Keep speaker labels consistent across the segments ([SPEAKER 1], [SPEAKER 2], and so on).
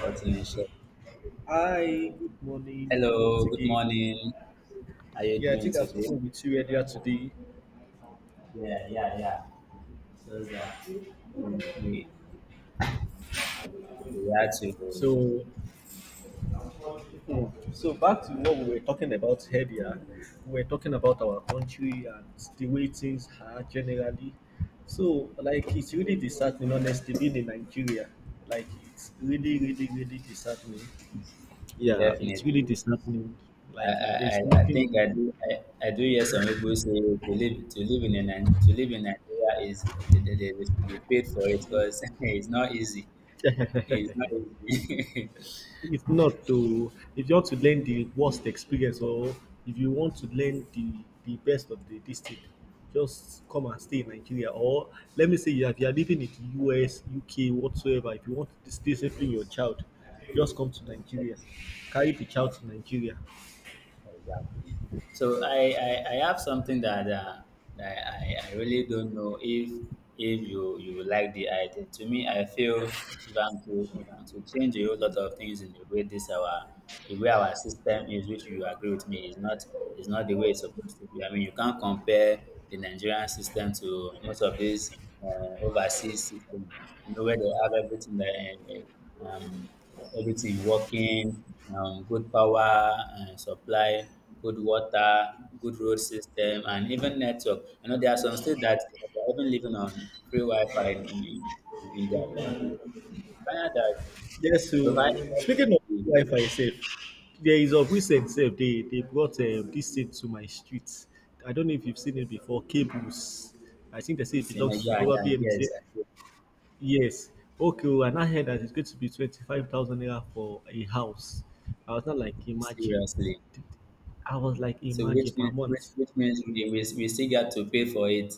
[SPEAKER 1] Continuation.
[SPEAKER 2] Hi, good morning once
[SPEAKER 1] Hello, good
[SPEAKER 2] again.
[SPEAKER 1] morning. How are you
[SPEAKER 2] Yeah, I
[SPEAKER 1] doing
[SPEAKER 2] think I've
[SPEAKER 1] today?
[SPEAKER 2] spoken with you earlier today.
[SPEAKER 1] Yeah, yeah, yeah. Those We, we we had to
[SPEAKER 2] So, hmm, so back to what we were talking about earlier. We were talking about our country and the way things are generally. So, like, it's really disheartening, honestly, being in Nigeria. Like, it's really, really, really disheartening. Yeah, it's
[SPEAKER 1] definitely.
[SPEAKER 2] really disheartening.
[SPEAKER 1] I,
[SPEAKER 2] Like,
[SPEAKER 1] I,
[SPEAKER 2] there's
[SPEAKER 1] I I
[SPEAKER 2] nothing.
[SPEAKER 1] think I do hear some people say to live in to live in Nigeria is they should be paid for it because it's not easy. It's not easy.
[SPEAKER 2] If not to, if you want to learn the worst experience, or if you want to learn the best of the district, just come and stay in Nigeria. Or let me say, if you are living in the US, UK, whatsoever, if you want to discipline your child, just come to Nigeria.
[SPEAKER 1] Yes,
[SPEAKER 2] Carry the child
[SPEAKER 1] exactly.
[SPEAKER 2] to Nigeria.
[SPEAKER 1] Exactly. So I have something that I really don't know if you will like the idea. To me, I feel if I'm to change a whole lot of things in the way this our the way our system is, which you agree with me, is not the way it's supposed to be. I mean, you can't compare the Nigerian system to most of these overseas systems. You know where they have everything that. Everything working, good power and supply, good water, good road system, and even network. You know, there are some states that are even living on free Wi-Fi in their countries. China that
[SPEAKER 2] Yes,
[SPEAKER 1] provided
[SPEAKER 2] so speaking of Wi-Fi itself, there is of recent self they brought this thing to my street. I don't know if you've seen it before. Cables. I think they say it belongs to
[SPEAKER 1] yeah, yeah,
[SPEAKER 2] probably
[SPEAKER 1] yes,
[SPEAKER 2] MTN.
[SPEAKER 1] I do.
[SPEAKER 2] Yes. Okay, well, and I heard that it's going to be 25,000 naira for a house. I was not, like, imagine.
[SPEAKER 1] Seriously.
[SPEAKER 2] I was like,
[SPEAKER 1] So
[SPEAKER 2] imagine, per month.
[SPEAKER 1] which means we still got to pay for it.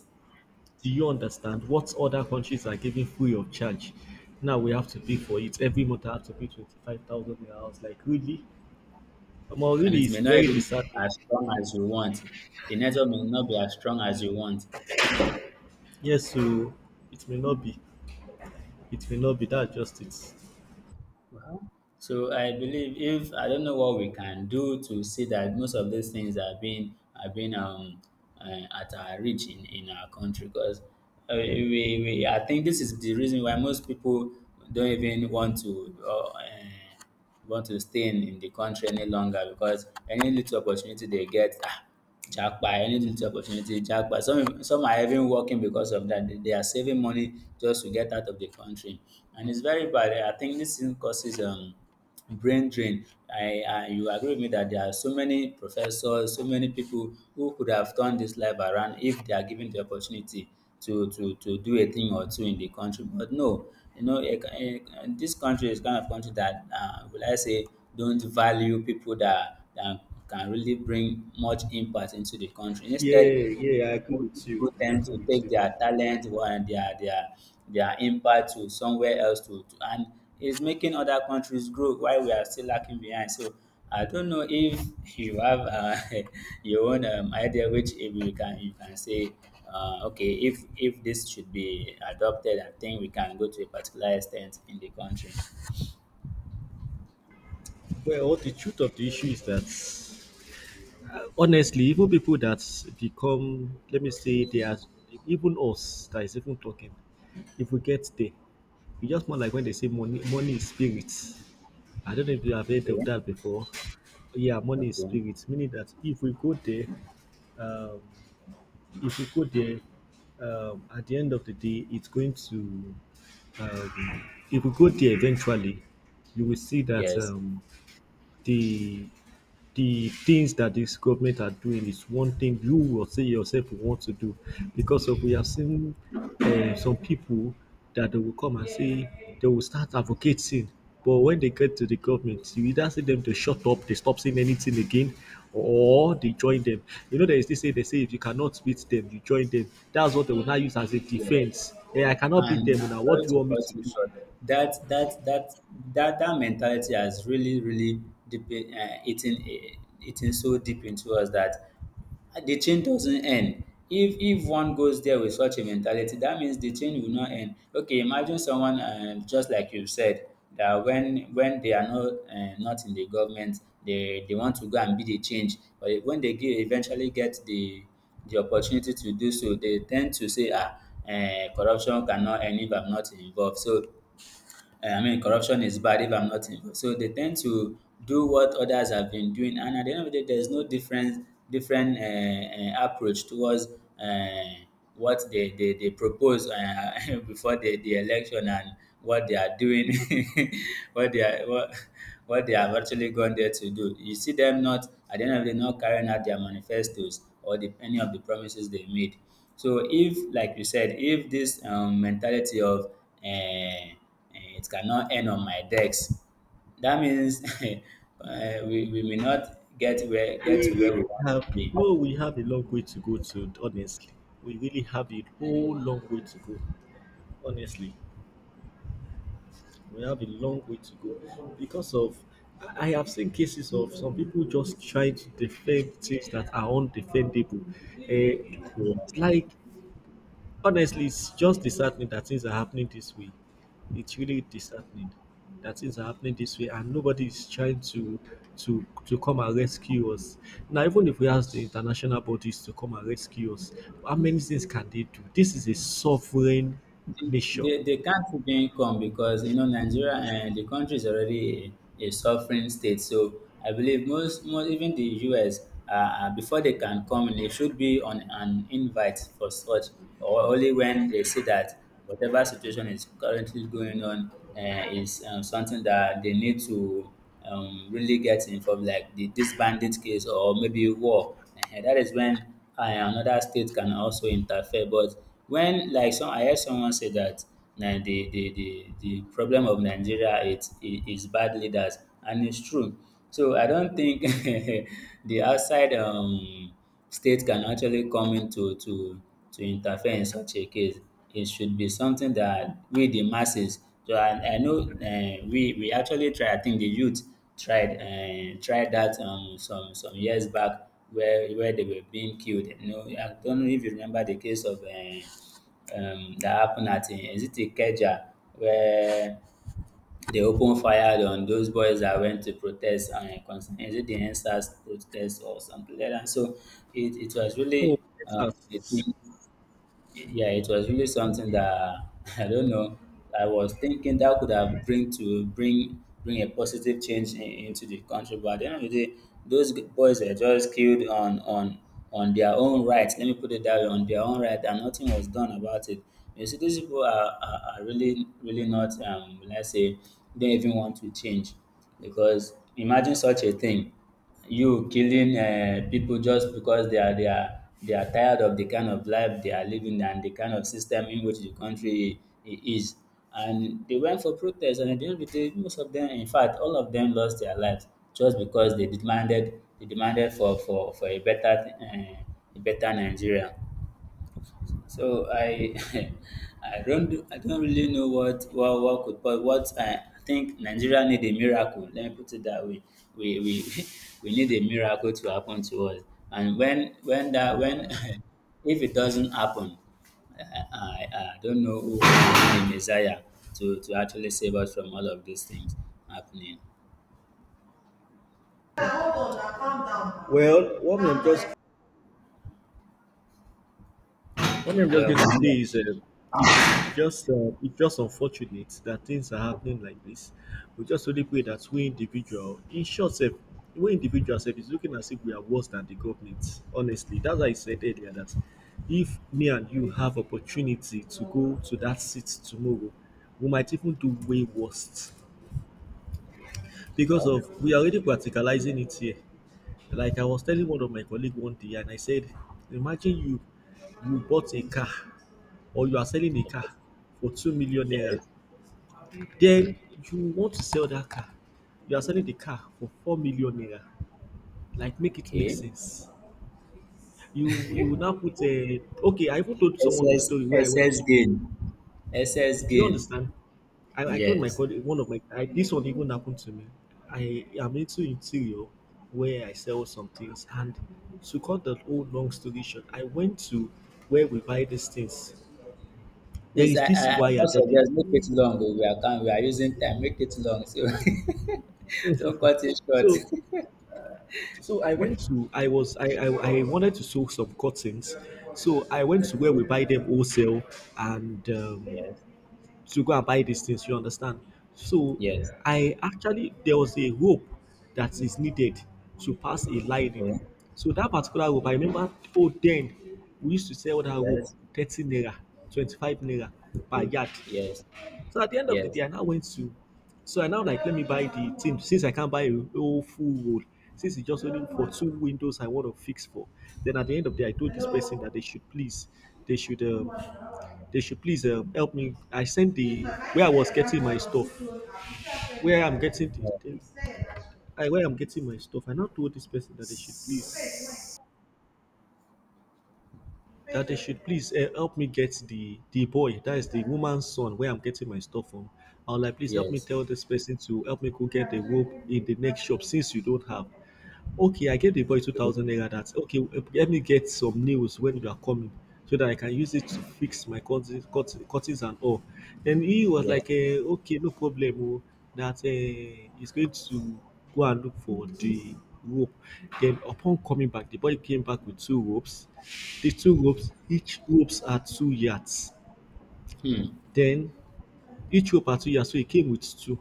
[SPEAKER 2] Do you understand what other countries are giving free of charge? Now we have to pay
[SPEAKER 1] Hmm.
[SPEAKER 2] for it. Every month I have to pay 25,000 naira. I was like, really? Well,
[SPEAKER 1] And
[SPEAKER 2] really,
[SPEAKER 1] it
[SPEAKER 2] it's
[SPEAKER 1] may not
[SPEAKER 2] very
[SPEAKER 1] even be
[SPEAKER 2] disheartening.
[SPEAKER 1] as strong as you want. The network may not be as strong as you want.
[SPEAKER 2] Yes, so it may not be. It may not be. That just it.
[SPEAKER 1] Well, so I believe if I don't know what we can do to see that most of these things are being at our reach in our country because we I think this is the reason why most people don't even want to stay in the country any longer because any little opportunity they get, ah, japa, any little opportunity, japa. Some are even working because of that. They are saving money just to get out of the country, and it's very bad. I think this thing causes brain drain. I you agree with me that there are so many professors, so many people who could have turned this life around if they are given the opportunity to do a thing or two in the country. But no, you know, this country is kind of country that will I say don't value people that can really bring much impact into the country.
[SPEAKER 2] Yeah,
[SPEAKER 1] Instead,
[SPEAKER 2] yeah, I agree
[SPEAKER 1] most
[SPEAKER 2] with you.
[SPEAKER 1] people
[SPEAKER 2] I
[SPEAKER 1] tend
[SPEAKER 2] agree
[SPEAKER 1] to
[SPEAKER 2] with
[SPEAKER 1] take
[SPEAKER 2] you.
[SPEAKER 1] their talent and their their impact to somewhere else to and it's making other countries grow while we are still lacking behind. So I don't know if you have your own idea which if you can you can say okay, if this should be adopted, I think we can go to a particular extent in the country.
[SPEAKER 2] Well, the truth of the issue is that, honestly, even people that become, let me say, they are, even us that is even talking, if we get there, it's just more like when they say money, money is spirit. I don't know if you have heard of
[SPEAKER 1] Okay.
[SPEAKER 2] that before. Yeah, money is
[SPEAKER 1] Okay.
[SPEAKER 2] spirit, meaning that if we go there, um, if we go there, at the end of the day, it's going to, um, if we go there eventually, you will see that
[SPEAKER 1] Yes.
[SPEAKER 2] the things that this government are doing is one thing you will say yourself you want to do, because of we have seen some people that they will come and say they will start advocating, but when they get to the government you either see them to shut up, they stop saying anything again, or they join them. You know, there is this say, they say, if you cannot beat them, you join them. That's what they will now use as a
[SPEAKER 1] Yes.
[SPEAKER 2] defense. I cannot beat them,
[SPEAKER 1] And
[SPEAKER 2] now what
[SPEAKER 1] sorry
[SPEAKER 2] do you
[SPEAKER 1] to
[SPEAKER 2] want me to
[SPEAKER 1] cut you
[SPEAKER 2] do?
[SPEAKER 1] short. That that that that mentality has really really deep eating so deep into us that the chain doesn't end. If one goes there with such a mentality, that means the chain will not end. Okay, imagine someone just like you said that when they are not not in the government, they want to go and be the change. But when eventually get the opportunity to do so, they tend to say, ah, corruption cannot end if I'm not involved. So I mean, corruption is bad if I'm not involved. So they tend to do what others have been doing, and at the end of the day, there's no different approach towards uh, what they propose before the election and what they are doing, what they are what, what they have actually gone there to do. You see them not at the end of the day not carrying out their manifestos or any of the promises they made. So if, like you said, if this mentality of uh, eh, it cannot end on my desk. That means we may not get
[SPEAKER 2] We
[SPEAKER 1] to where
[SPEAKER 2] really
[SPEAKER 1] we want to
[SPEAKER 2] have
[SPEAKER 1] be.
[SPEAKER 2] no, we have a long way to go to, honestly. We really have a whole long way to go. Honestly, we have a long way to go, because of I have seen cases of some people just trying to defend things that are undefendable. Eh,
[SPEAKER 1] So
[SPEAKER 2] like Honestly, it's just disheartening that things are happening this way. It's really disheartening that things are happening this way, and nobody is trying to to come and rescue us. Now, even if we ask the international bodies to come and rescue us, how many things can they do? This is a sovereign nation.
[SPEAKER 1] they can't even come because you know Nigeria and the country is already a sovereign state. So I believe most even the US before they can come, they should be on an invite for such, or only when they see that whatever situation is currently going on uh, is something that they need to really get involved, like this bandit case or maybe war. Ehen, that is another state can also interfere. But when like some, I heard someone say that na the problem of Nigeria it is bad leaders, and it's true. So I don't think the outside states can actually come in to interfere in such a case. It should be something that we, the masses, so I know we actually tried, I think the youth tried tried that some years back where they were being killed. You know, I don't know if you remember the case of that happened at, is it Ikeja, where they opened fire on those boys that went to protest and concern is it the end SARS protest or something like that. So it was
[SPEAKER 2] Oh,
[SPEAKER 1] really uh, a
[SPEAKER 2] Texas.
[SPEAKER 1] thing yeah, it was really something that I don't know. I was thinking that could have bring to bring a positive change into the country, but at the end of the day, boys were just killed on their own right. Let me put it that way, on their own right, and nothing was done about it. You see, these people are really really not let's say they don't even want to change because imagine such a thing you killing people just because they are tired of the kind of life they are living and the kind of system in which the country is. And they went for protest, and at the end of the day, most of them, in fact, all of them lost their lives just because they demanded for uh, a better Nigeria. So I I don't really know what could but what I think Nigeria need a miracle. Let me put it that way. We we need a miracle to happen to us. And when if it doesn't happen, I, I, I don't know who will be the Messiah to actually save us from all of these things happening.
[SPEAKER 2] Well, what I'm just One thing I'm just
[SPEAKER 1] Well,
[SPEAKER 2] going to
[SPEAKER 1] coming
[SPEAKER 2] say
[SPEAKER 1] back-
[SPEAKER 2] is it's just it's just unfortunate that things are happening like this. We just only pray that we individual, in short, self, we individual self is looking as if we are worse than the government. Honestly, that's why I said earlier that if me and you have opportunity to go to that seat tomorrow, we might even do way worse, because
[SPEAKER 1] well,
[SPEAKER 2] of we are already practicalizing it here. Like I was telling one of my colleague one day, and I said, imagine you bought a car, or you are selling a car for 2 million naira,
[SPEAKER 1] yes,
[SPEAKER 2] then you want to sell that car. You are selling the car for 4 million naira. Like, make it make
[SPEAKER 1] okay.
[SPEAKER 2] sense. You will now put a okay. I even told
[SPEAKER 1] S
[SPEAKER 2] someone the story
[SPEAKER 1] okay.
[SPEAKER 2] where I
[SPEAKER 1] S
[SPEAKER 2] went
[SPEAKER 1] S
[SPEAKER 2] to. Do
[SPEAKER 1] gain. SS
[SPEAKER 2] you
[SPEAKER 1] gain.
[SPEAKER 2] understand? I told my
[SPEAKER 1] Yes.
[SPEAKER 2] colleague one of my. This one even happened to me. I am into interior, where I sell some things, and to cut the whole long story short, I went to where we buy these things. There
[SPEAKER 1] Please,
[SPEAKER 2] is this
[SPEAKER 1] I
[SPEAKER 2] wire that they
[SPEAKER 1] don't make it long oh, we are using time, make it long so don't cut it short.
[SPEAKER 2] so I went to I was I wanted to sew some curtains, so I went to where
[SPEAKER 1] Okay.
[SPEAKER 2] we buy them wholesale and
[SPEAKER 1] Yes.
[SPEAKER 2] to go and buy these things. You understand? So
[SPEAKER 1] Yes.
[SPEAKER 2] I Actually, there was a rope that is needed to pass a lining.
[SPEAKER 1] Okay.
[SPEAKER 2] So that particular rope, I remember. Oh, then we used to sell that rope
[SPEAKER 1] Yes.
[SPEAKER 2] 30 naira, 25 naira per
[SPEAKER 1] Okay.
[SPEAKER 2] yard.
[SPEAKER 1] Yes.
[SPEAKER 2] So at the end of the
[SPEAKER 1] Yes.
[SPEAKER 2] day, I now went to, so I now, like, let me buy the thing, since I can't buy a whole full wall. Since it's just only for two windows I want to fix for. Then at the end of the day, I told this
[SPEAKER 1] Yes.
[SPEAKER 2] person that they should please, they should, um, they should please help me. I sent the where I was getting my stuff, where I'm getting
[SPEAKER 1] No.
[SPEAKER 2] the I, where I'm getting my stuff. I now told this person that they should please help me get the boy that is the woman's son, where I'm getting my stuff from. I was like, please help me
[SPEAKER 1] Yes.
[SPEAKER 2] tell this person to help me go get the rope in the next shop, since you don't have. Okay, I gave the boy
[SPEAKER 1] Okay.
[SPEAKER 2] 2,000 naira. That's okay, let me get some nails when you are coming, so that I can use it to fix my curtains, curtains and all. Then he was
[SPEAKER 1] Yes.
[SPEAKER 2] like, okay, no problem oh, that he's going to go and look for the rope. Then upon coming back, the boy came back with two ropes. The two ropes, each ropes are 2 yards.
[SPEAKER 1] Hmm.
[SPEAKER 2] Then each rope are 2 yards, so he came with two,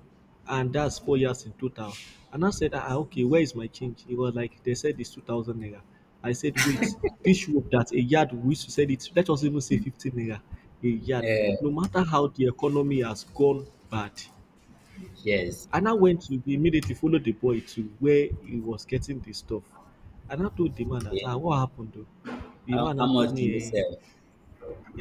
[SPEAKER 2] and that's 4 yards in total. And I said, ah, okay, where is my change? He was like, they said it's 2,000 naira. I said, wait, this rope that a yard we used to sell it, let us even say 15 naira a yard,
[SPEAKER 1] Eh,
[SPEAKER 2] no matter how the economy has gone bad. And
[SPEAKER 1] yes.
[SPEAKER 2] I now went to immediately follow the boy to where he was getting the stuff, and I told the man that,
[SPEAKER 1] Okay.
[SPEAKER 2] ah, what happened though?" The man
[SPEAKER 1] How
[SPEAKER 2] now told
[SPEAKER 1] much
[SPEAKER 2] me,
[SPEAKER 1] do you sell?
[SPEAKER 2] uh,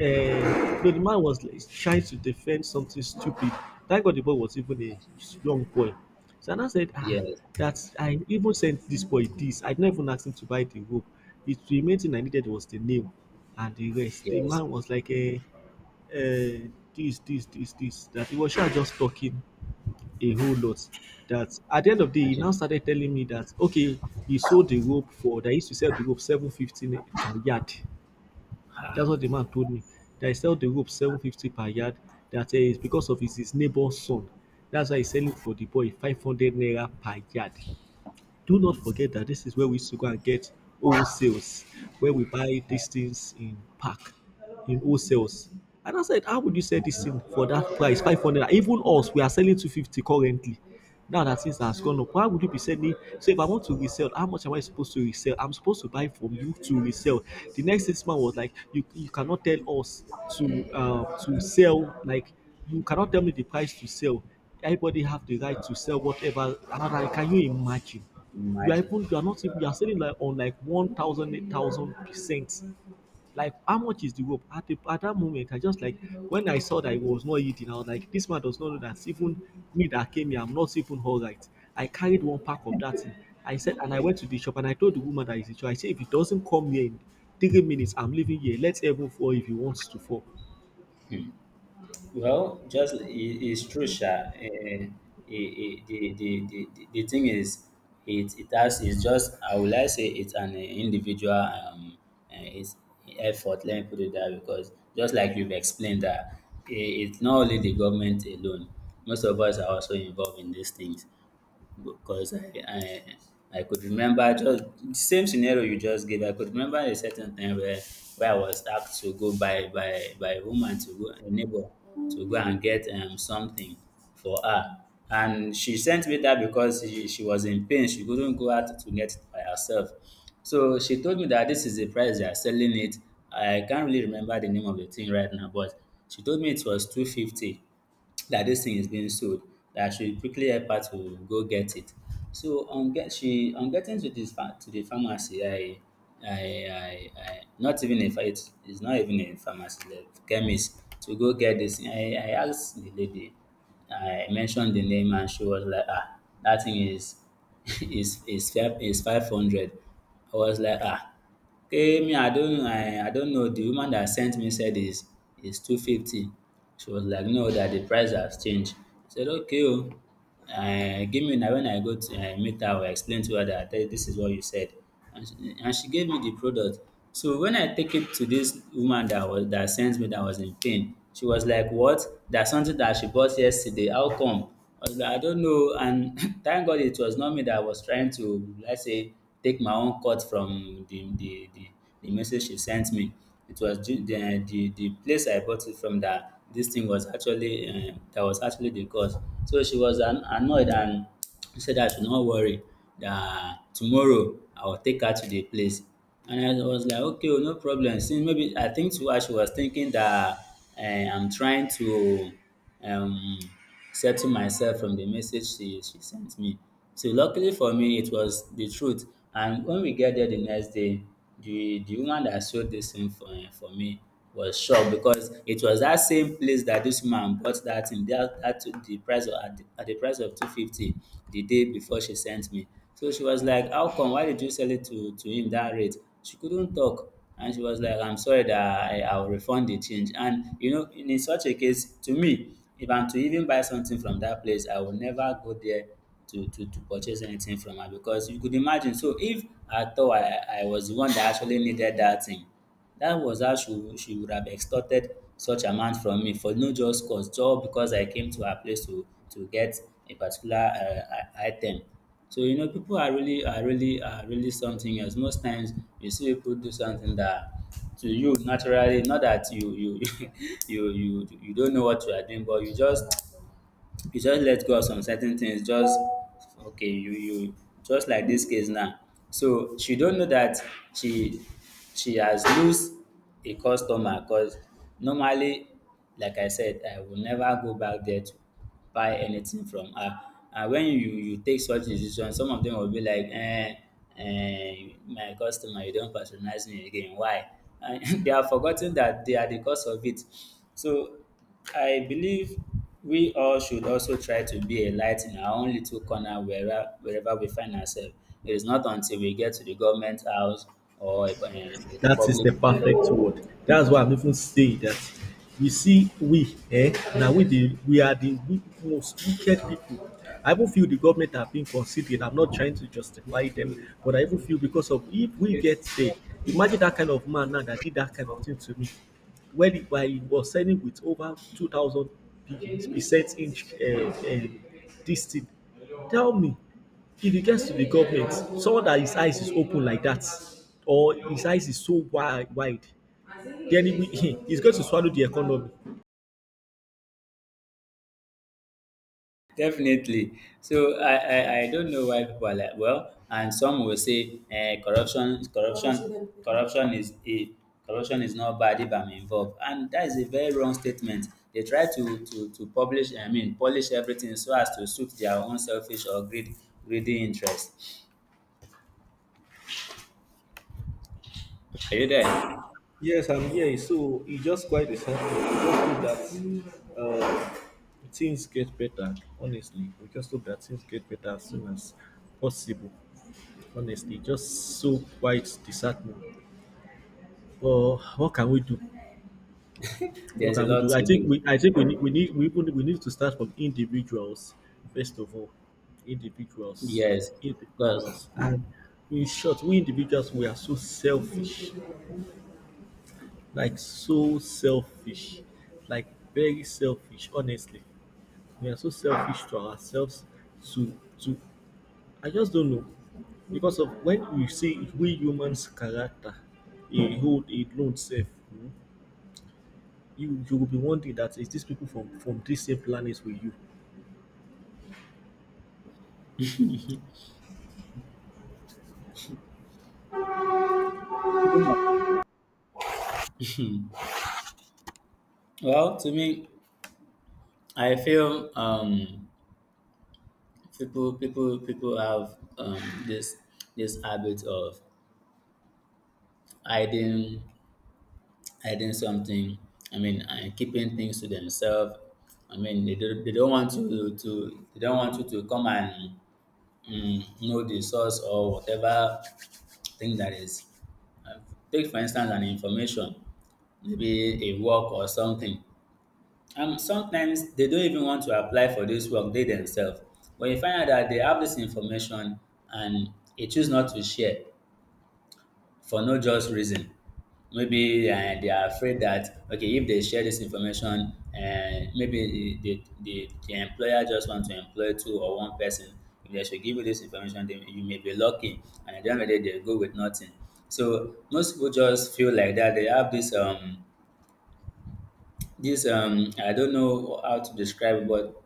[SPEAKER 2] no. The man was like, trying to defend something stupid. Thank God the boy was even a young boy. So I said, ah,
[SPEAKER 1] Yes.
[SPEAKER 2] that's." I even sent this boy this. I did not even ask him to buy the rope. It, the main thing I needed was the name and the rest. The
[SPEAKER 1] Yes.
[SPEAKER 2] man was like, eh, this, this, this, this. That he was sure just talking a whole lot. That at the end of the day, he
[SPEAKER 1] Imagine.
[SPEAKER 2] now started telling me that, okay, he sold the rope for, that he used to sell the rope 715 per yard. That's what the man told me. That he sell the rope 750 per yard. That is because of his neighbor's son. That's why he's selling for the boy 500 naira per yard. Do not forget that this is where we used to go and get wholesales, where we buy these things in pack, in wholesales. And I said, how would you sell this thing for that price, 500? Even us, we are selling 250 currently. Now that things has gone up, why would you be selling? So if I want to resell, how much am I supposed to resell? I'm supposed to buy from you to resell. The next 6 months was like, you cannot tell us to sell, like you cannot tell me the price to sell. Everybody have the right to sell whatever. And I'm like, can you imagine? You are
[SPEAKER 1] Imagine.
[SPEAKER 2] even, you are not even, you are selling like on like one thousand eight thousand percent. Like, how much is the rope at the at that moment? I just like, when I saw that it was not eating, I was like, this man does not know that even me that came here, I'm not even all right. I carried one pack of that thing. I said, and I went to the shop, and I told the woman that is the shop. I said, if it doesn't come here in 3 minutes, I'm leaving here. Let us heaven fall if he wants to fall.
[SPEAKER 1] Well, just it's true, Sha. Eh, eh, eh, the thing is, it's just, I would like say it's an eh, individual it's effort, let me put it that way, because just like you've explained that eh, it's not only the government alone, most of us are also involved in these things because I could remember just the same scenario you just gave. I could remember a certain time where I was asked to go by a woman to go a neighbor to go and get something for her, and she sent me that because she was in pain. She couldn't go out to get it by herself. So she told me that this is the price they are selling it. I can't really remember the name of the thing right now, but she told me it was 250 that this thing is being sold that she quickly help her to go get it. So on get she on getting to to the pharmacy, I I not even it is not even a pharmacy, the chemist to go get this thing. I asked the lady, I mentioned the name and she was like, ah, that thing is is five is 500. I was like, ah. Okay, me I don't I don't know. The woman that sent me said is 250. She was like, no, that the price has changed. I said, okay, oh, give me now when I go to meet her, I will explain to her that "Hey, this is what you said, and she, and she gave me the product." So when I take it to this woman that sent me that was in pain, she was like, what? That's something that she bought yesterday. How come? I was like, I don't know. And thank God it was not me that was trying to, let's say, take my own cut from the message she sent me. It was the place I bought it from that this thing was actually that was actually the cause. So she was annoyed and she said that I should not worry, that tomorrow I will take her to the place. And I was like, okay, oh, no problem. Since maybe I think too, she was thinking that I'm trying to um settle myself from the message she sent me. So luckily for me it was the truth, and when we get there the next day, the woman that sold this thing for me was shocked, because it was that same place that this woman bought that thing that that to the price of at the price of 250 the day before she sent me. So she was like, how come? Why did you sell it to him that rate? She couldn't talk, and she was like, I'm sorry that I'll refund the change. And you know, in such a case, to me, if I'm to even buy something from that place, I will never go there to, to purchase anything from her, because you could imagine. So if I thought I was the one that actually needed that thing, that was how she would have extorted such amount from me for no just cause, just because I came to her place to get a particular item. So you know, people are really something else. Most times you see people do something that to you naturally, not that you you you don't know what you are doing, but you just let go of some certain things, just okay, you just like this case now. So she don't know that she she has lose a customer, because normally, like I said, I will never go back there to buy anything from her. And when you take such decision, some of them will be like, eh, eh, my customer, you don patronize me again, why? And they are forgotten that they are the cause of it. So I believe we all should also try to be a light in our own little corner, wherever, wherever we find ourselves. It is not until we get to the government house, or a
[SPEAKER 2] That is
[SPEAKER 1] public.
[SPEAKER 2] the perfect word. That's why I'm even saying that. You see, we, we are the most wicked people. I even feel the government are being considered. I'm not trying to justify them, but I even feel because of if we get there, imagine that kind of man now that did that kind of thing to me. While he was selling with over 2,000% inch this thing, tell me if it gets to the government, someone that his eyes is open like that, or his eyes is so wide, wide, then he's going to swallow the economy.
[SPEAKER 1] Definitely. So I don't know why people are like, well, and some will say, corruption, corruption, corruption is it? Corruption is not bad if I'm involved," and that is a very wrong statement. They try to publish, I mean, polish everything so as to suit their own greedy interest. Are you there?
[SPEAKER 2] Yes, I'm here. So it's just quite essential. We just hope that things get better. Honestly, we just hope that things get better as soon as possible. Honestly, just so quite disheartening. But what can we do? What
[SPEAKER 1] There's a
[SPEAKER 2] can we
[SPEAKER 1] lot
[SPEAKER 2] do? I
[SPEAKER 1] to
[SPEAKER 2] think
[SPEAKER 1] do.
[SPEAKER 2] we I think we need we need to start from individuals first of all. Individuals.
[SPEAKER 1] Yes, because
[SPEAKER 2] Individuals. And in short, we individuals, we are so selfish. Like so selfish. Like very selfish, honestly. We are so selfish to ourselves to I just don't know. Because of when you see we humans character, a whole, a lone self, you will be wondering that is these people from this same planet with you.
[SPEAKER 1] well, to me, I feel people have this this habit of hiding, hiding something, I mean, and keeping things to themselves. I mean, they don't want to they don't want you to come and know the source or whatever thing that is. Uh, take for instance an information, maybe a work or something. Sometimes they don't even want to apply for this work they themselves, but you find out that they have this information, and they choose not to share, for no just reason. Maybe they are afraid that okay, if they share this information, and maybe the employer just want to employ two or one person. If they should give you this information, then you may be lucky, and at the end of the day, they go with nothing. So most people just feel like that. They have this this I don't know how to describe, but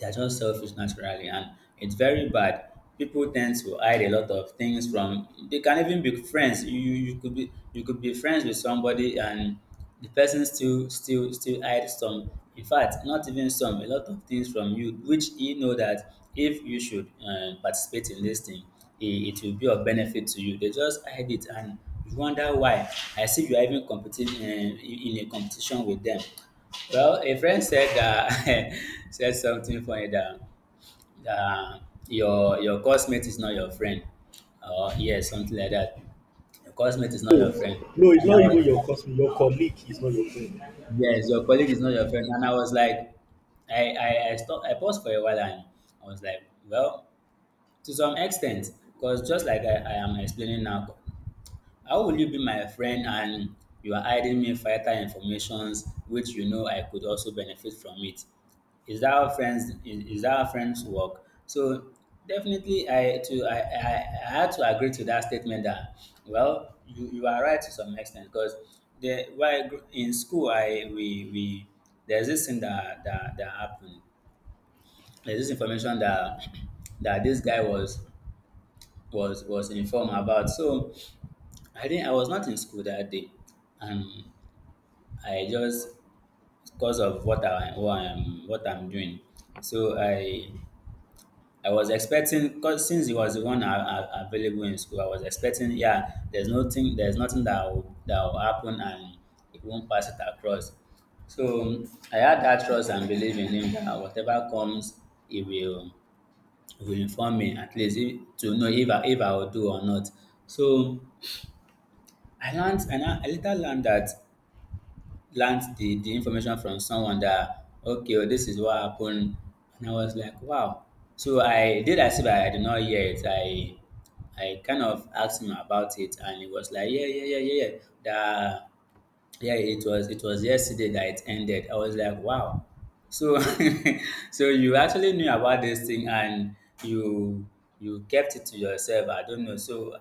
[SPEAKER 1] they are just selfish naturally, and it's very bad. People tend to hide a lot of things from. They can even be friends. You could be friends with somebody, and the person still hide some. In fact, not even some. A lot of things from you, which you know that if you should participate in this thing, it will be of benefit to you. They just hide it, and you wonder why. I see you are even competing in a competition with them. Well, a friend said, said something funny that uh, your cosmate is not your friend. Oh, yes, something like that. Your cosmate is not
[SPEAKER 2] No,
[SPEAKER 1] your friend.
[SPEAKER 2] no, it's
[SPEAKER 1] And I
[SPEAKER 2] not
[SPEAKER 1] was,
[SPEAKER 2] even your customer, your colleague is not your friend.
[SPEAKER 1] yes, your colleague is not your friend. And I was like, stopped, I paused for a while, and I was like, well, to some extent, because just like I am explaining now, how will you be my friend and you are hiding me vital informations, which you know I could also benefit from it? Is that our friends is that our friends work? So definitely, I to I, I had to agree to that statement that well, you are right to some extent, because the why, in school, I we there's this thing that happened. There's this information that that this guy was was informed about. So I didn't, I was not in school that day, and I just, because of what I'm doing. So I was expecting, cause since he was the one available in school, I was expecting, yeah, there's nothing that will, that will happen, and he won't pass it across. So I had that trust and belief in him that whatever comes, he will, he will inform me, at least if, to know if I will do or not. So I learned, and I later learned that learned the information from someone that okay well, this is what happened. And I was like, wow. So I did as if I did not hear it. I kind of asked him about it, and he was like, yeah, yeah, yeah, yeah, yeah, that yeah, it was yesterday that it ended. I was like, wow. So so you actually knew about this thing, and you you kept it to yourself, I don't know. So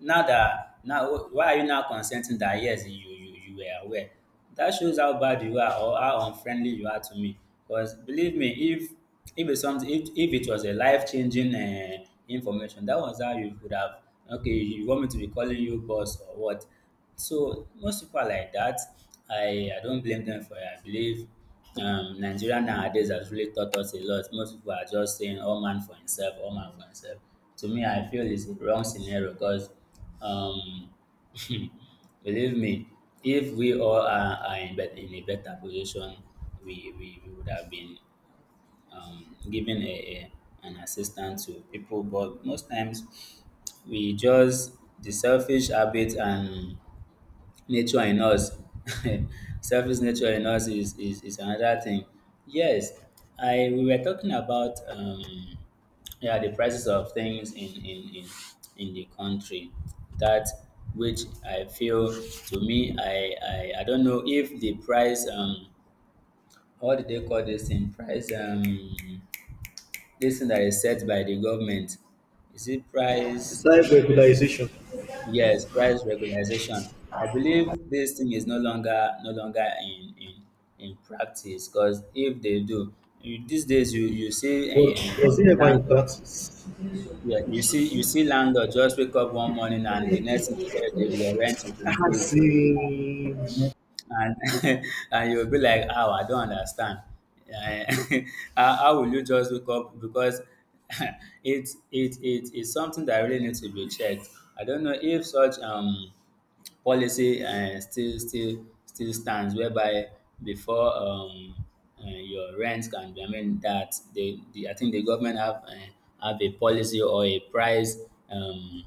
[SPEAKER 1] now that, now why are you now consenting that yes, you were aware? That shows how bad you are, or how unfriendly you are to me. Because believe me, if it's something, if it was a life-changing information, that was how you could have, okay, you want me to be calling you boss or what? So most people are like that. I don't blame them for it. I believe Nigeria nowadays has really taught us a lot. Most people are just saying, all man for himself, all man for himself. To me, I feel it's a wrong scenario, because um, believe me, if we all are in, in a better position, we would have been given an assistance to people. But most times, we just the selfish habit and nature in us, selfish nature in us, is another thing. Yes, I we were talking about yeah the prices of things in the country, that which I feel, to me I don't know if the price, what do they call this thing, price, this thing that is set by the government, is it price?
[SPEAKER 2] Self-regularization.
[SPEAKER 1] Yes, price regulation. I believe this thing is no longer in practice, because if they do, you- these days you see
[SPEAKER 2] Was
[SPEAKER 1] a
[SPEAKER 2] was it ever in
[SPEAKER 1] landlord,
[SPEAKER 2] practice?
[SPEAKER 1] yeah, you see landlord just wake up one morning, and the next thing you hear, the- your rent will increase. And and you'll be like, oh, I don't understand. Eh, how will you just wake up, because it is something that really needs to be checked. I don't know if such policy still stands, whereby before your rent can be, I mean that the, I think the government have, have a policy or a price um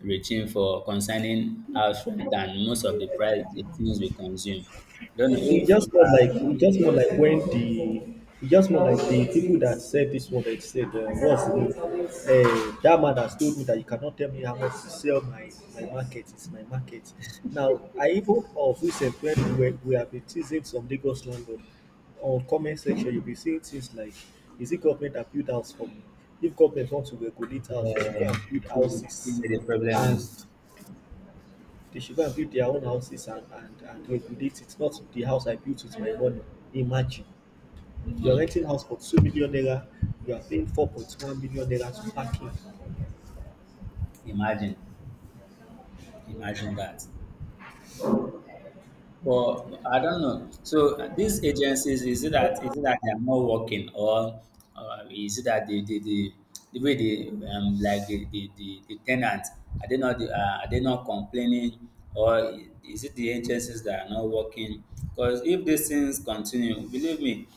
[SPEAKER 1] regime for concerning house rent and most of the price the things we consume. Don't know
[SPEAKER 2] It
[SPEAKER 1] if you
[SPEAKER 2] just not like
[SPEAKER 1] are
[SPEAKER 2] it just not like when the it just not like the people that said this one that said what's the name? That man has told me that you cannot tell me how much to sell my market. It's my market. Now I even of recent when we have been teasing some Lagos landlord on comment section. You'll be seeing things like, is it government that build house for me? If government want to regulate house, they should go and build
[SPEAKER 1] if you see
[SPEAKER 2] houses
[SPEAKER 1] where the problem
[SPEAKER 2] and
[SPEAKER 1] is.
[SPEAKER 2] they should go and build their own houses and regulate it, not the house I built with my money. Imagine you're
[SPEAKER 1] Hmm,
[SPEAKER 2] renting house for 2 million naira, you are paying 4.1 million naira to parking.
[SPEAKER 1] imagine imagine that. Well, I don't know. So these agencies, is it that they are not working, or is it that the way they like the tenants are they not are they not complaining, or is it the agencies that are not working? Because if these things continue, believe me,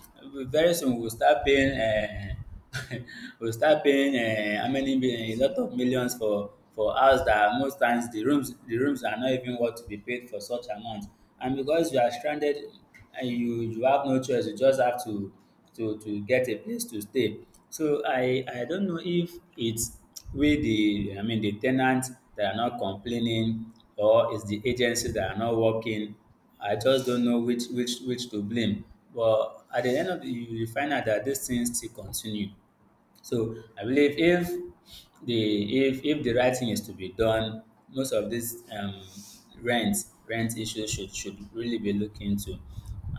[SPEAKER 1] very soon we'll start paying. We'll start paying a lot of millions for house that most times the rooms are not even worth to be paid for such amount. And because you are stranded and you have no choice, you just have to to get a place to stay. So I don't know if it's we the I mean the ten ants that are not complaining or it's the agencies that are not working. I just don't know which to blame. But at the end of the you will find out that these things still continue. So I believe if the right thing is to be done, most of these rent rent issues should really be looked into.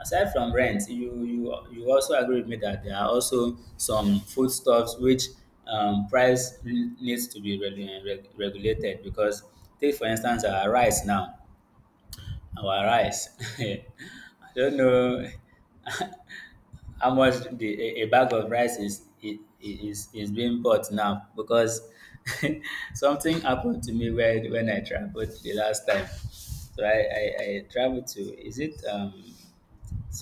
[SPEAKER 1] Aside from rent, you also agree with me that there are also some foodstuffs which price needs to be regulated because take for instance our rice. I don't know how much the a bag of rice is being bought now because something happened to me when I traveled the last time. So I traveled to is it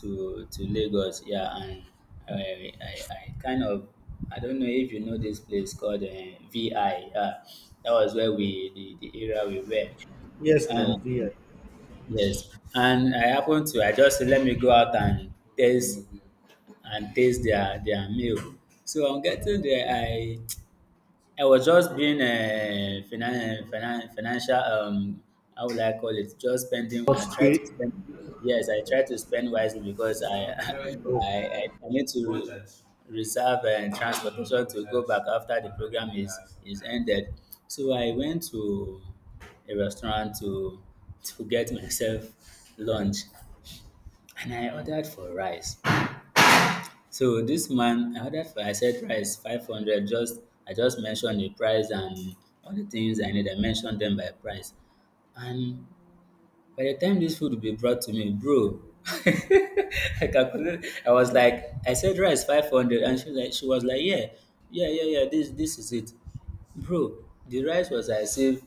[SPEAKER 1] to Lagos, yeah, and I kind of, I don't know if you know this place called VI, yeah, that was where we the area we were.
[SPEAKER 2] Yes, now there.
[SPEAKER 1] Yes, and I happened to, I just said, "Let me go out and taste their meal." So on getting there, I was just being a financial, how would I call it? Just spending. I
[SPEAKER 2] Must
[SPEAKER 1] try to
[SPEAKER 2] pay.
[SPEAKER 1] spend. Yes, I try to spend wisely because
[SPEAKER 2] Oh.
[SPEAKER 1] I need to reserve and transportation to go back after the program is ended. So I went to a restaurant to get myself lunch, and I ordered for rice. So this man, I ordered for, I said price 500. Just I just mentioned the price and all the things I need. I mentioned them by price. And by the time this food will be brought to me, bro, I calculated. I was like, I said rice 500, and she was like, yeah, yeah. This is it, bro. The rice was I saved.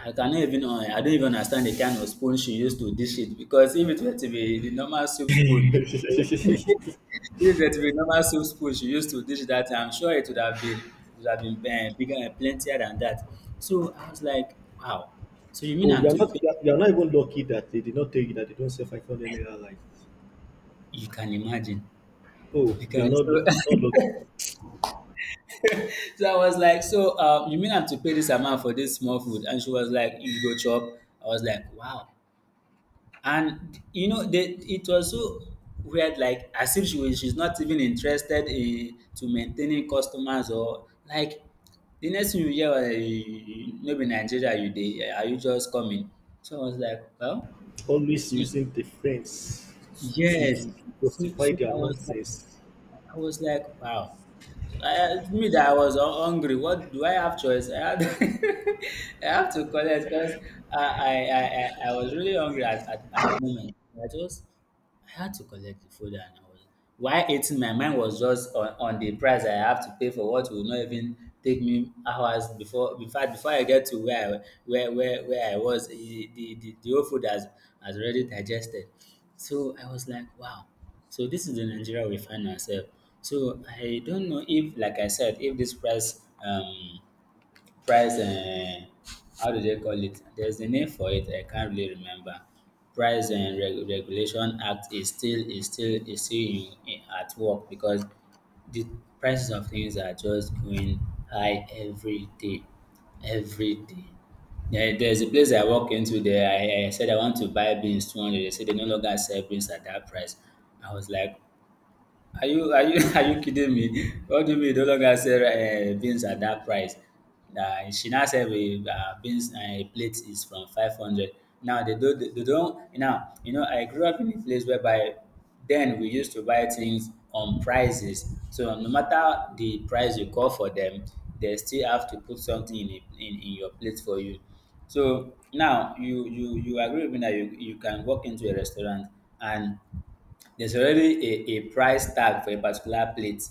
[SPEAKER 1] I cannot even I don't even understand the kind of spoon she used to dish it, because if it were to be the normal soup spoon, if it were normal soup spoon she used to dish that time, I'm sure it would have been, bigger and plentier than that. So I was like, wow, so you mean
[SPEAKER 2] Oh,
[SPEAKER 1] I'm
[SPEAKER 2] you're
[SPEAKER 1] to
[SPEAKER 2] not
[SPEAKER 1] pay,
[SPEAKER 2] you're not even lucky that they did not tell you that they don't sell 500 naira life.
[SPEAKER 1] you can imagine,
[SPEAKER 2] Oh,
[SPEAKER 1] you
[SPEAKER 2] you are
[SPEAKER 1] can
[SPEAKER 2] not you
[SPEAKER 1] so
[SPEAKER 2] are not lucky.
[SPEAKER 1] so I was like, so you mean I'm to pay this amount for this small food, and she was like, you go chop? I was like, wow. And you know, they, it was so weird, like as if she's not even interested in to maintaining customers, or like the next thing you hear was, eh, maybe Nigeria, you dey, eh, are you just coming? So I was like, well,
[SPEAKER 2] Always
[SPEAKER 1] mm,
[SPEAKER 2] using the friends to,
[SPEAKER 1] yes.
[SPEAKER 2] to, to
[SPEAKER 1] So,
[SPEAKER 2] justify
[SPEAKER 1] so
[SPEAKER 2] their
[SPEAKER 1] I was like,
[SPEAKER 2] nonsense.
[SPEAKER 1] wow. So I, me that I was hungry. What do I have choice? I have to collect because I was really hungry at, at the moment. I just I had to collect the folder, and I was while eating my mind was just on the price I have to pay for what will not even take me hours before, in fact before I get to where I where I was, the whole food has already digested. So I was like, wow. So this is the Nigeria we find ourselves. So I don't know if, like I said, if this price how do they call it? There's a name for it. I can't really remember. Price and Regulation Act is still is still in, at work because the prices of things are just going high every day, every day. There's a place I walk into there. I said I want to buy beans 200. They said they no longer sell beans at that price. I was like, are you are you kidding me? What do you mean no longer sell beans at that price? She now said we beans a plate is from 500. Now they don't now you know I grew up in a place whereby then we used to buy things on prices. So no matter the price you call for them, they still have to put something in it, in your plate for you. So now you agree with me that you can walk into a restaurant and there's already a price tag for a particular plate.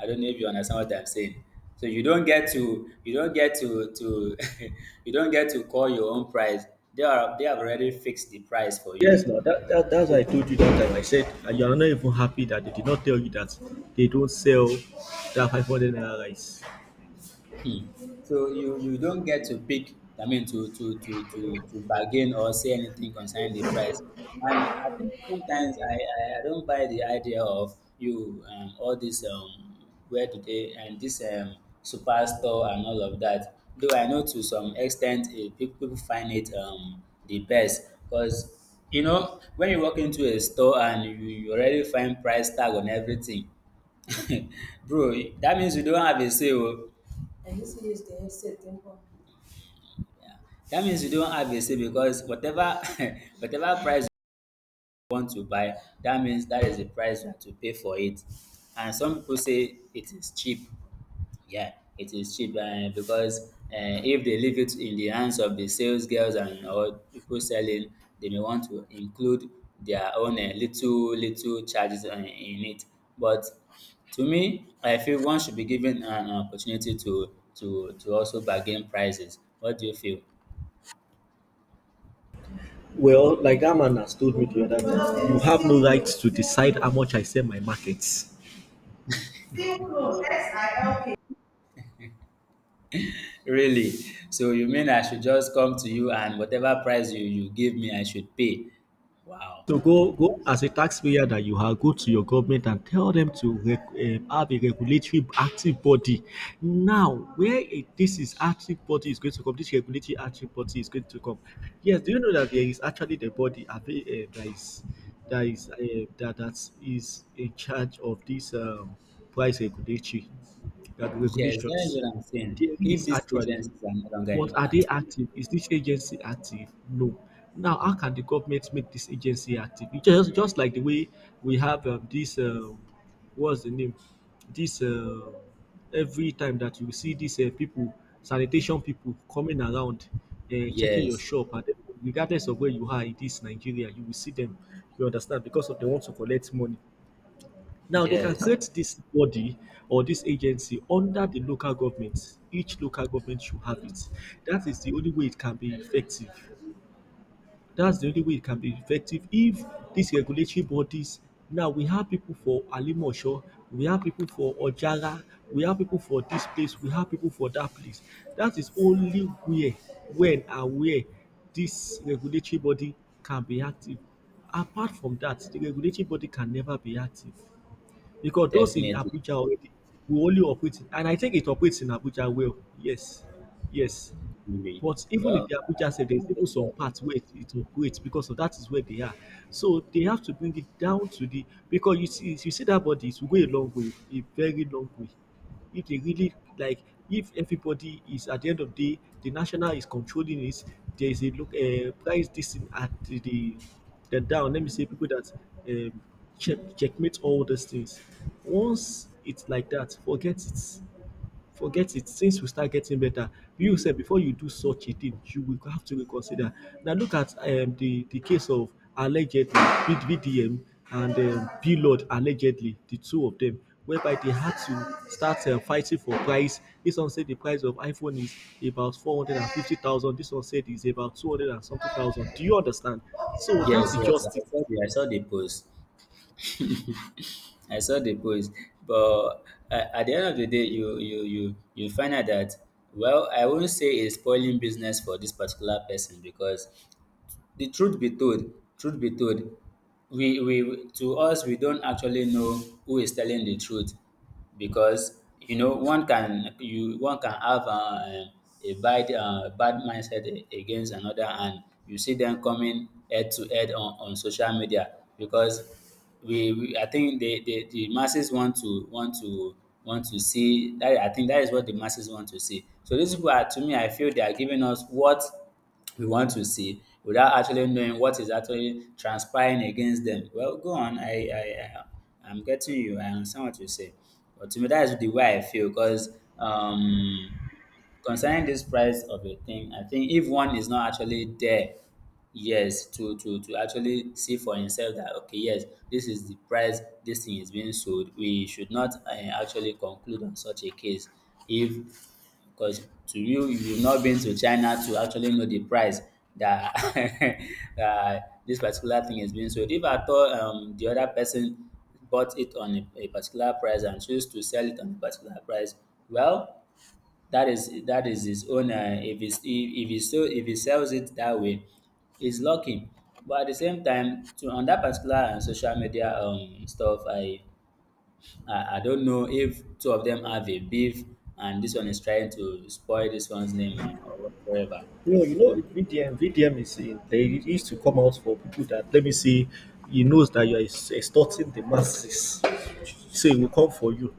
[SPEAKER 1] I don't know if you understand what I'm saying. So you don't get to, you don't get to call your own price. They have already fixed the price for you.
[SPEAKER 2] Yes, now that's why
[SPEAKER 1] So,
[SPEAKER 2] I told you that time. I said you are not even happy that they did not tell you that they don't sell that 500 naira rice.
[SPEAKER 1] so you don't get to pick. I mean, to to bargain or say anything concerning the price. And I think sometimes I don't buy the idea of you all this where do they and this superstore and all of that. Though I know to some extent, eh, people find it the best because you know when you walk into a store and you already find price tag on everything. Bro, that means you don't have a sale. Yeah. That means you don't have a say, because whatever whatever price you want to buy, that means that is the price you have to pay for it. And some people say it is cheap. Yeah, it is cheap, because if they leave it in the hands of the sales girls and all people selling, they may want to include their own little charges in it. But to me, I feel one should be given an opportunity to also bargain prices. What do you feel?
[SPEAKER 2] Well, like that man has told me the other time, you have no right to decide how much I sell my markets.
[SPEAKER 1] Really? So you mean I should just come to you and whatever price you give me, I should pay? Wow.
[SPEAKER 2] So go as a taxpayer that you are, go to your government and tell them to have a regulatory active body. Now, this is active body is going to come, this regulatory active body is going to come. Yes, do you know that there is actually the body abi, that is in charge of this price regulatory that
[SPEAKER 1] Yes, that is
[SPEAKER 2] regulations?
[SPEAKER 1] what I'm saying.
[SPEAKER 2] There
[SPEAKER 1] If
[SPEAKER 2] is
[SPEAKER 1] these
[SPEAKER 2] actually.
[SPEAKER 1] agencies are no longer in
[SPEAKER 2] But are
[SPEAKER 1] at,
[SPEAKER 2] they active? Is this agency active? No. Now, how can the government make this agency active? It just like the way we have this, what's the name? This, uh, every time that you see these people, sanitation people coming around, checking your
[SPEAKER 1] yes,
[SPEAKER 2] shop, and regardless of where you are in this Nigeria, you will see them. You understand? Because of they want to collect money. Now they can
[SPEAKER 1] yes,
[SPEAKER 2] create this body or this agency under the local government. Each local government should have it. That is the only way it can be effective. That's the only way it can be effective if these regulatory bodies now we have people for Alimosho, we have people for Ojara, we have people for this place, we have people for that place. That is only where, when and where this regulatory body can be active. Apart from that, the regulatory body can never be active because those in
[SPEAKER 1] definitely.
[SPEAKER 2] Abuja already we only operate in, and I think it operates in Abuja well. Yes, yes.
[SPEAKER 1] Really.
[SPEAKER 2] But even in
[SPEAKER 1] Well,
[SPEAKER 2] the Abuja sef,
[SPEAKER 1] I'm
[SPEAKER 2] there's
[SPEAKER 1] not doing
[SPEAKER 2] even some
[SPEAKER 1] that.
[SPEAKER 2] parts where it operates because of that is where they are. So they have to bring it down to the because you see that body it will go a long way, a very long way. If they really like if everybody is at the end of the day, the national is controlling it, there is a look price this thing at the down. Let me say people that um, checkmate all these things. Once it's like that, forget it. Things will start getting better. You said before you do such a thing you will have to reconsider. Now look at the case of allegedly with BDM and Blord allegedly the two of them whereby they had to start fighting for price this one said the price of iPhone is about 450,000 this one said is about two hundred and something thousand do you understand so that's
[SPEAKER 1] Yes, yes,
[SPEAKER 2] just it.
[SPEAKER 1] I saw the post. I saw the post, but at the end of the day, you find out that, well, I won't say it's spoiling business for this particular person because the truth be told, truth be told we to us we don't actually know who is telling the truth, because you know one can have a bad bad mindset against another, and you see them coming head to head on social media, because we I think the masses want to want to see that. I think that is what the masses want to see. So these people are, to me I feel they are giving us what we want to see without actually knowing what is actually transpiring against them. Well, go on. I'm getting you. I understand what you say. But to me, that is the way I feel because, concerning this price of a thing, I think if one is not actually there, yes, to actually see for himself that, okay, yes, this is the price this thing is being sold. We should not actually conclude on such a case, if, because to you, you've not been to China to actually know the price that that this particular thing is being sold. If at all the other person bought it on a particular price and chose to sell it on a particular price, well, that is his own. If it's, if he so if he sells it that way, he's lucky. But at the same time, to on that particular social media stuff, I don't know if two of them have a beef and this one is trying to spoil this one's name, or whatsoever.
[SPEAKER 2] No, you know, VDM, VDM is in, they used to come out for people that, let me see, he knows that you are extorting the masses. So he will come for you.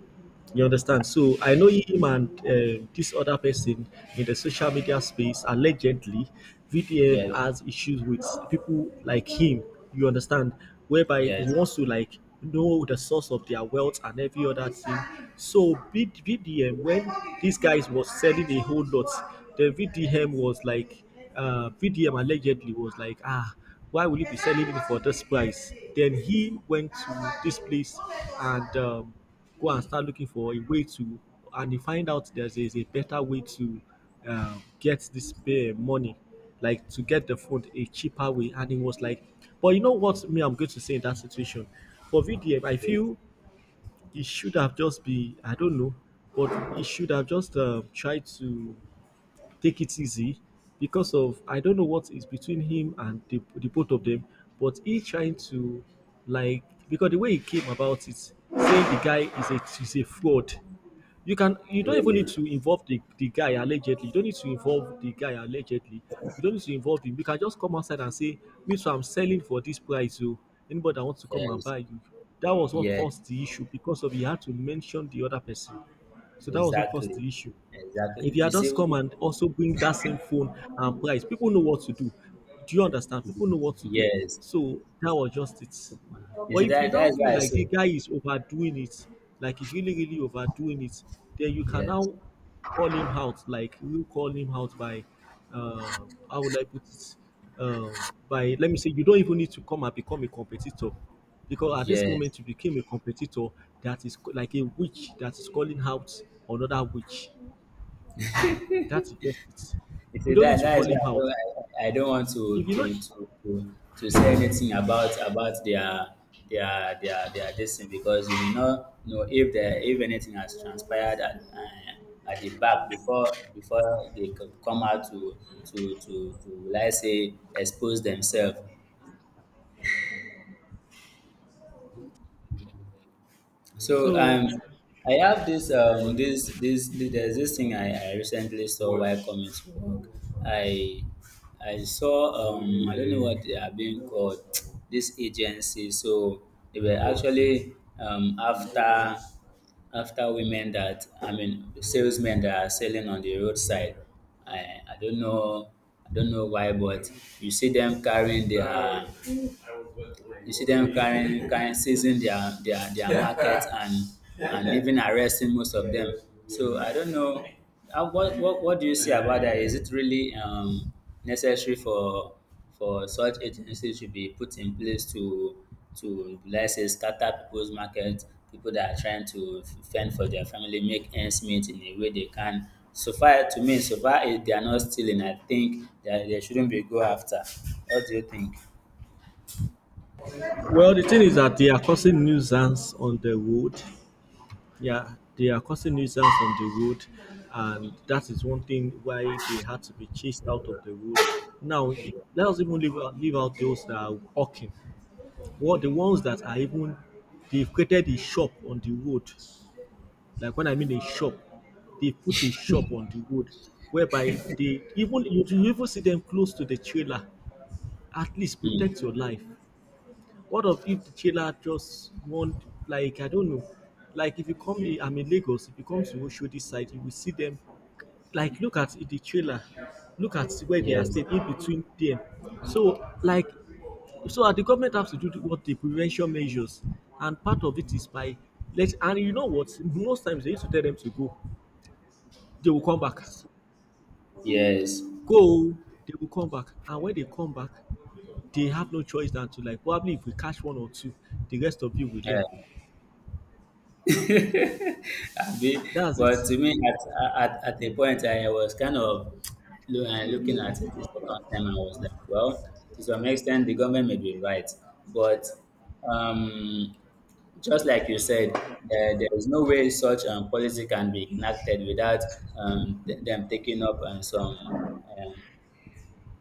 [SPEAKER 2] You
[SPEAKER 1] Okay.
[SPEAKER 2] understand? So I know him and this other person in the social media space, allegedly, VDM
[SPEAKER 1] Yes,
[SPEAKER 2] has issues with people like him. You understand? Whereby he
[SPEAKER 1] yes,
[SPEAKER 2] wants to, like, know the source of their wealth and every other thing. So, VDM, when these guys was selling a whole lot, the VDM was like, VDM allegedly was like, ah, why will you be selling it for this price? Then he went to this place and go and start looking for a way to, and he find out there's is a better way to get this money, like to get the phone a cheaper way. And he was like, but you know what? Me, I'm going to say in that situation for VDM, I feel it should have just be I don't know, but it should have just tried to take it easy because of I don't know what is between him and the both of them, but he trying to like because the way he came about it, saying the guy is a fraud. You don't even need
[SPEAKER 1] really.
[SPEAKER 2] to involve the guy allegedly. You don't need to involve the guy allegedly. You don't need to involve him. You can just come outside and say, "Me too, I'm selling for this price." So anybody that wants to come and
[SPEAKER 1] Yes,
[SPEAKER 2] buy you. That was what
[SPEAKER 1] yeah,
[SPEAKER 2] caused the issue because of he had to mention the other person. So that was what caused
[SPEAKER 1] exactly.
[SPEAKER 2] the issue if
[SPEAKER 1] Exactly.
[SPEAKER 2] you
[SPEAKER 1] You
[SPEAKER 2] had just
[SPEAKER 1] see,
[SPEAKER 2] come and also bring that same phone and price, people know what to do. Do you understand? People know what to do.
[SPEAKER 1] yes.
[SPEAKER 2] So
[SPEAKER 1] You
[SPEAKER 2] that
[SPEAKER 1] see,
[SPEAKER 2] was just it.
[SPEAKER 1] okay.
[SPEAKER 2] But if you
[SPEAKER 1] That
[SPEAKER 2] now
[SPEAKER 1] is why
[SPEAKER 2] feel
[SPEAKER 1] I
[SPEAKER 2] like
[SPEAKER 1] say,
[SPEAKER 2] the guy is overdoing it, like he's really, really overdoing it, then you can
[SPEAKER 1] yes,
[SPEAKER 2] now call him out, like you call him out by, uh, how would I put it? Let me say, you don't even need to come and become a competitor. Because at this
[SPEAKER 1] yes.
[SPEAKER 2] moment, you became a competitor that is like a witch that is calling out another witch. That's just it.
[SPEAKER 1] You
[SPEAKER 2] You
[SPEAKER 1] see,
[SPEAKER 2] don't need
[SPEAKER 1] that
[SPEAKER 2] to
[SPEAKER 1] that is
[SPEAKER 2] call him
[SPEAKER 1] why I
[SPEAKER 2] out.
[SPEAKER 1] don't, like, I don't want to
[SPEAKER 2] If you know,
[SPEAKER 1] to to to, to say anything about their this thing because you may not know if there if anything has transpired at the back before they could come out to let's say expose themselves. So
[SPEAKER 2] so
[SPEAKER 1] I have this this this, this there's This thing I recently saw while coming to work. I I saw, I don't know what they are being called, this agency. So they were actually after after women that I mean salesmen that are selling on the roadside. I, I don't know I don't know why, but you see them carrying their you see them carrying, seizing their market, and even arresting most of them. So I don't know. How, what, what do you see about that? Is it really necessary for such agencies to be put in place to let's say scatter people's market, people that are trying to fend for their family, make ends meet in a way they can. So far, to me, so far if they are not stealing, I think that they shouldn't be go after. What do you think?
[SPEAKER 2] well, the thing is that they are causing nuisance on the road. Yeah, they are causing nuisance on the road, and that is one thing why they had to be chased out of the road. Now, let us even leave out those that are walking. What the ones that are even they've created a shop on the road. Like when I mean a shop, they put a shop on the road whereby they even you even see them close to the trailer. At least
[SPEAKER 1] Hmm.
[SPEAKER 2] protect your life. What of if the jailer just want, like, I don't know, like if you come in, I'm in Lagos, if you come to Oshodi side, you will see them. Like, look at the trailer, look at where they are
[SPEAKER 1] Yes,
[SPEAKER 2] staying in between them. So, like, so the government have to do the- what the prevention measures, and part of it is by let and you know what most times they used to tell them to go, they will come back.
[SPEAKER 1] yes.
[SPEAKER 2] Go. They will come back. And when they come back, they have no choice than to like probably if we catch one or two, the rest of you will
[SPEAKER 1] Yeah.
[SPEAKER 2] learn.
[SPEAKER 1] Abi,
[SPEAKER 2] That's it.
[SPEAKER 1] but to me, at a point, I was kind of looking at it the second time. I was like, well, to some extent, the government may be right. But um, just like you said, there is no way such policy can be enacted without them taking up um,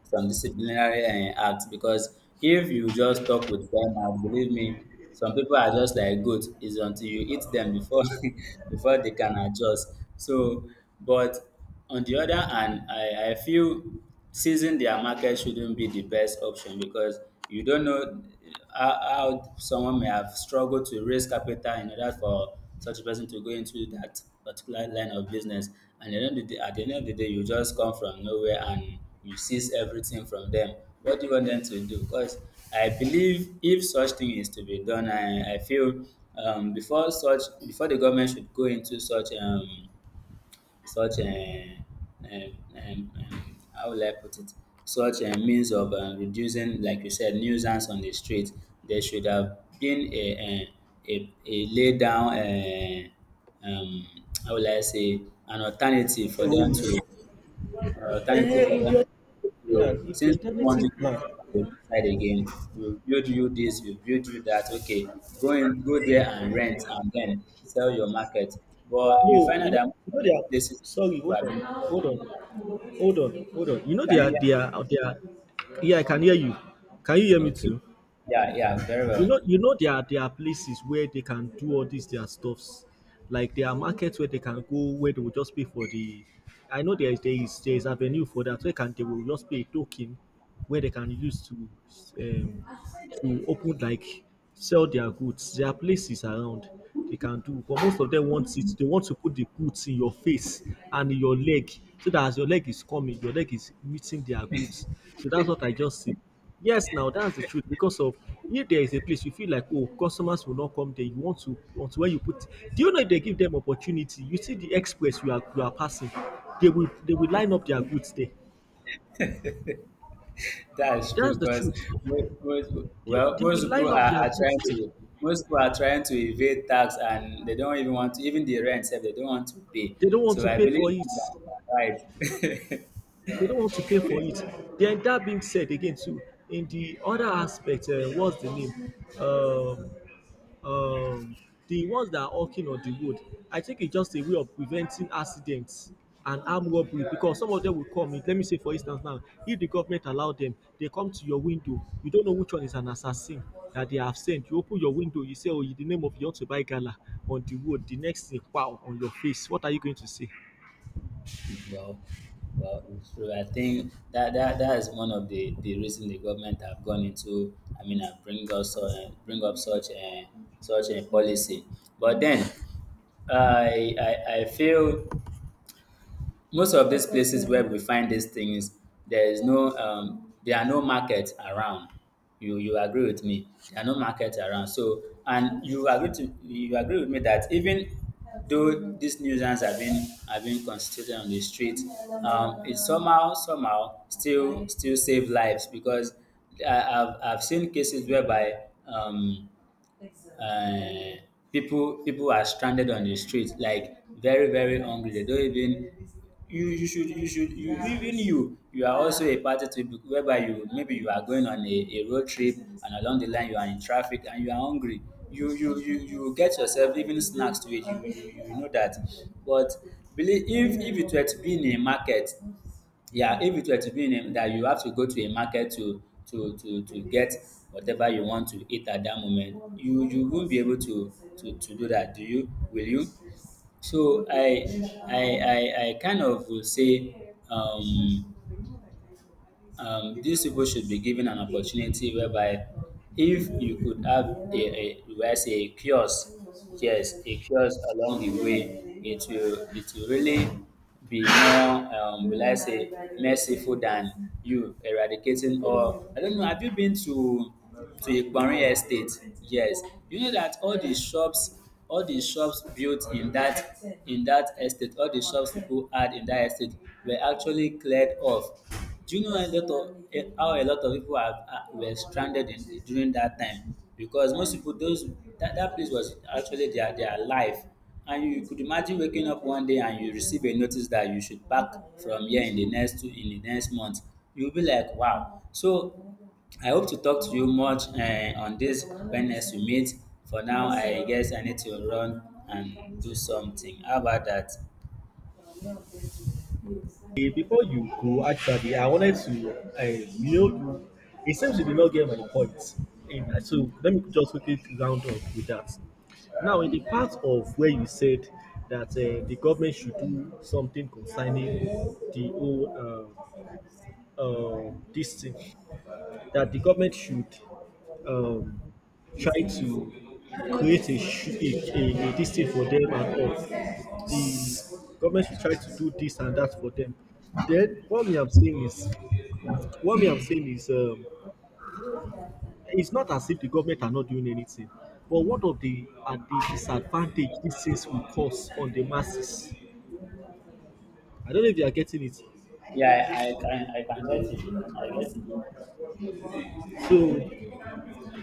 [SPEAKER 1] some disciplinary acts, because if you just talk with them and believe me, some people are just like goat. It's until you eat them before before they can adjust. So but on the other hand, I feel seizing their market shouldn't be the best option, because you don't know how someone may have struggled to raise capital in order for such a person to go into that particular line of business. And at the end of the day, at the end of the day you just come from nowhere and you seize everything from them. What do you want them to do? Because I believe if such thing is to be done, I feel before such before the government should go into such such um, how will I put it? Such a means of reducing, like you said, nuisance on the street. There should have been a lay down, how will I say, an alternative
[SPEAKER 2] The
[SPEAKER 1] for them to
[SPEAKER 2] rules.
[SPEAKER 1] alternative for them.
[SPEAKER 2] Yeah,
[SPEAKER 1] You
[SPEAKER 2] if the
[SPEAKER 1] since we don't want
[SPEAKER 2] alternative
[SPEAKER 1] you to
[SPEAKER 2] plan.
[SPEAKER 1] step on the side again, we'll build you this, we'll build you that. Okay, go in, go there and rent, and then sell your market. But you
[SPEAKER 2] No,
[SPEAKER 1] find out
[SPEAKER 2] you know,
[SPEAKER 1] that most
[SPEAKER 2] you
[SPEAKER 1] of
[SPEAKER 2] know they are
[SPEAKER 1] these places
[SPEAKER 2] sorry,
[SPEAKER 1] people
[SPEAKER 2] hold
[SPEAKER 1] have
[SPEAKER 2] on,
[SPEAKER 1] been arrested.
[SPEAKER 2] hold on, hold on. You know they
[SPEAKER 1] Can you
[SPEAKER 2] are
[SPEAKER 1] hear
[SPEAKER 2] they are they are Yeah, I can hear you. Can you hear
[SPEAKER 1] me?
[SPEAKER 2] me
[SPEAKER 1] Okay.
[SPEAKER 2] too?
[SPEAKER 1] Yeah, yeah, very
[SPEAKER 2] You
[SPEAKER 1] well.
[SPEAKER 2] know, you know there are places where they can do all these their stuffs. Like there are markets where they can go where they will just pay for the. I know there is avenue for that where can they will just pay a token where they can use um to open like sell their goods. There are places around they can do, but most of them want it. They want to put the goods in your face and in your leg, so that as your leg is coming, your leg is meeting their goods. So that's what I just see. Yes, now that's the truth because of if there is a place you feel like oh customers will not come there, you want to where you put. Do you know if they give them opportunity? You see the express you are passing, they will line up their goods there.
[SPEAKER 1] That's true
[SPEAKER 2] That's the
[SPEAKER 1] because
[SPEAKER 2] truth.
[SPEAKER 1] most,
[SPEAKER 2] They,
[SPEAKER 1] well,
[SPEAKER 2] they
[SPEAKER 1] most
[SPEAKER 2] will
[SPEAKER 1] people
[SPEAKER 2] line up their
[SPEAKER 1] are
[SPEAKER 2] goods
[SPEAKER 1] trying
[SPEAKER 2] there.
[SPEAKER 1] to most people are trying to evade tax, and they don't even want to even the rent itself they don't want to pay.
[SPEAKER 2] They don't want
[SPEAKER 1] So
[SPEAKER 2] to
[SPEAKER 1] I
[SPEAKER 2] pay
[SPEAKER 1] believe
[SPEAKER 2] for it.
[SPEAKER 1] you are right.
[SPEAKER 2] They don't want to pay for it. Then that being said again too, in the other aspect, what's the name? Um, um, the ones that are hawking on the road, I think it's just a way of preventing accidents and armed robbery because some of them will come in. Let me say, for instance, now, if the government allow them, they come to your window. You don't know which one is an assassin that they have sent. You open your window, you say, "Oh, in the name of you want to buy gala on the road." The next thing, wow, on your face. What are you going to say?
[SPEAKER 1] Well, well, it's true. I think that that is one of the reason the government have gone into. I mean, bring us bring up such a such a policy. But then, I feel most of these places where we find these things there is no there are no market around. You agree with me there are no market around, so and you agree to you agree with me that even though these nuisance have been constituted on the street, it somehow somehow still still save lives because I've seen cases whereby exactly. People people are stranded on the street like very very hungry. They don't even you you should you even you you are also a party to it whereby you maybe you are going on a road trip and along the line you are in traffic and you are hungry, you you get yourself even snacks to it. You you know that, but believe if it were to be in a market, yeah, if it were to be in a, that you have to go to a market to to get whatever you want to eat at that moment, you won't be able to to do that. Do you? Will you? So I kind of will say these people should be given an opportunity whereby if you could have a where I say a kiosk, yes, a kiosk along the way, it will really be more will I say merciful than you eradicating all. I don't know, have you been to Ikparin Estate? Yes. You know that all the shops built in that estate, all the shops people had in that estate were actually cleared off. Do you know a lot of how a lot of people were stranded in, during that time? Because most people, those that place was actually their life, and you could imagine waking up one day and you receive a notice that you should pack from here in the next two in the next month. You'll be like, wow. So I hope to talk to you much on this when next we meet. For now, I guess I need to run and do something. How about that?
[SPEAKER 2] Eh, before you go, actually, I wanted to, you know, it seems you did not get my point. And so let me just quickly round up with that. Now, in the part of where you said that the government should do something concerning the whole this thing, that the government should um, try to create a, sh- a this thing for them and all. The government should try to do this and that for them. Then what we am saying is, what we am saying is, it's not as if the government are not doing anything, but what of the are the disadvantage these things will cause on the masses? I don't know if you are getting it.
[SPEAKER 1] Yeah, I can I can get it. I get it.
[SPEAKER 2] So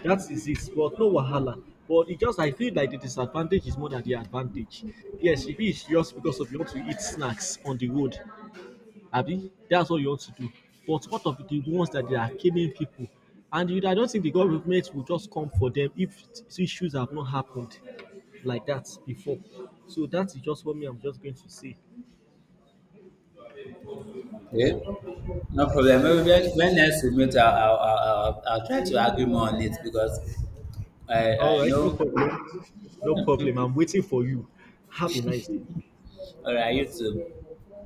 [SPEAKER 2] that is it, but no wahala. But it just I feel like the disadvantage is more than the advantage. Yes, if it's just because of you want to eat snacks on the road, Abi, that's all you want to do. But what of the ones that they are killing people? And you, I don't think the government will just come for them if issues have not happened like that before. So that is just what me I'm just going to say.
[SPEAKER 1] Okay. No problem. Maybe when next we meet, I'll I'll try to argue more on it because
[SPEAKER 2] All
[SPEAKER 1] I
[SPEAKER 2] right, no
[SPEAKER 1] know,
[SPEAKER 2] problem. No problem. I'm waiting for you. Have a nice day.
[SPEAKER 1] or I used to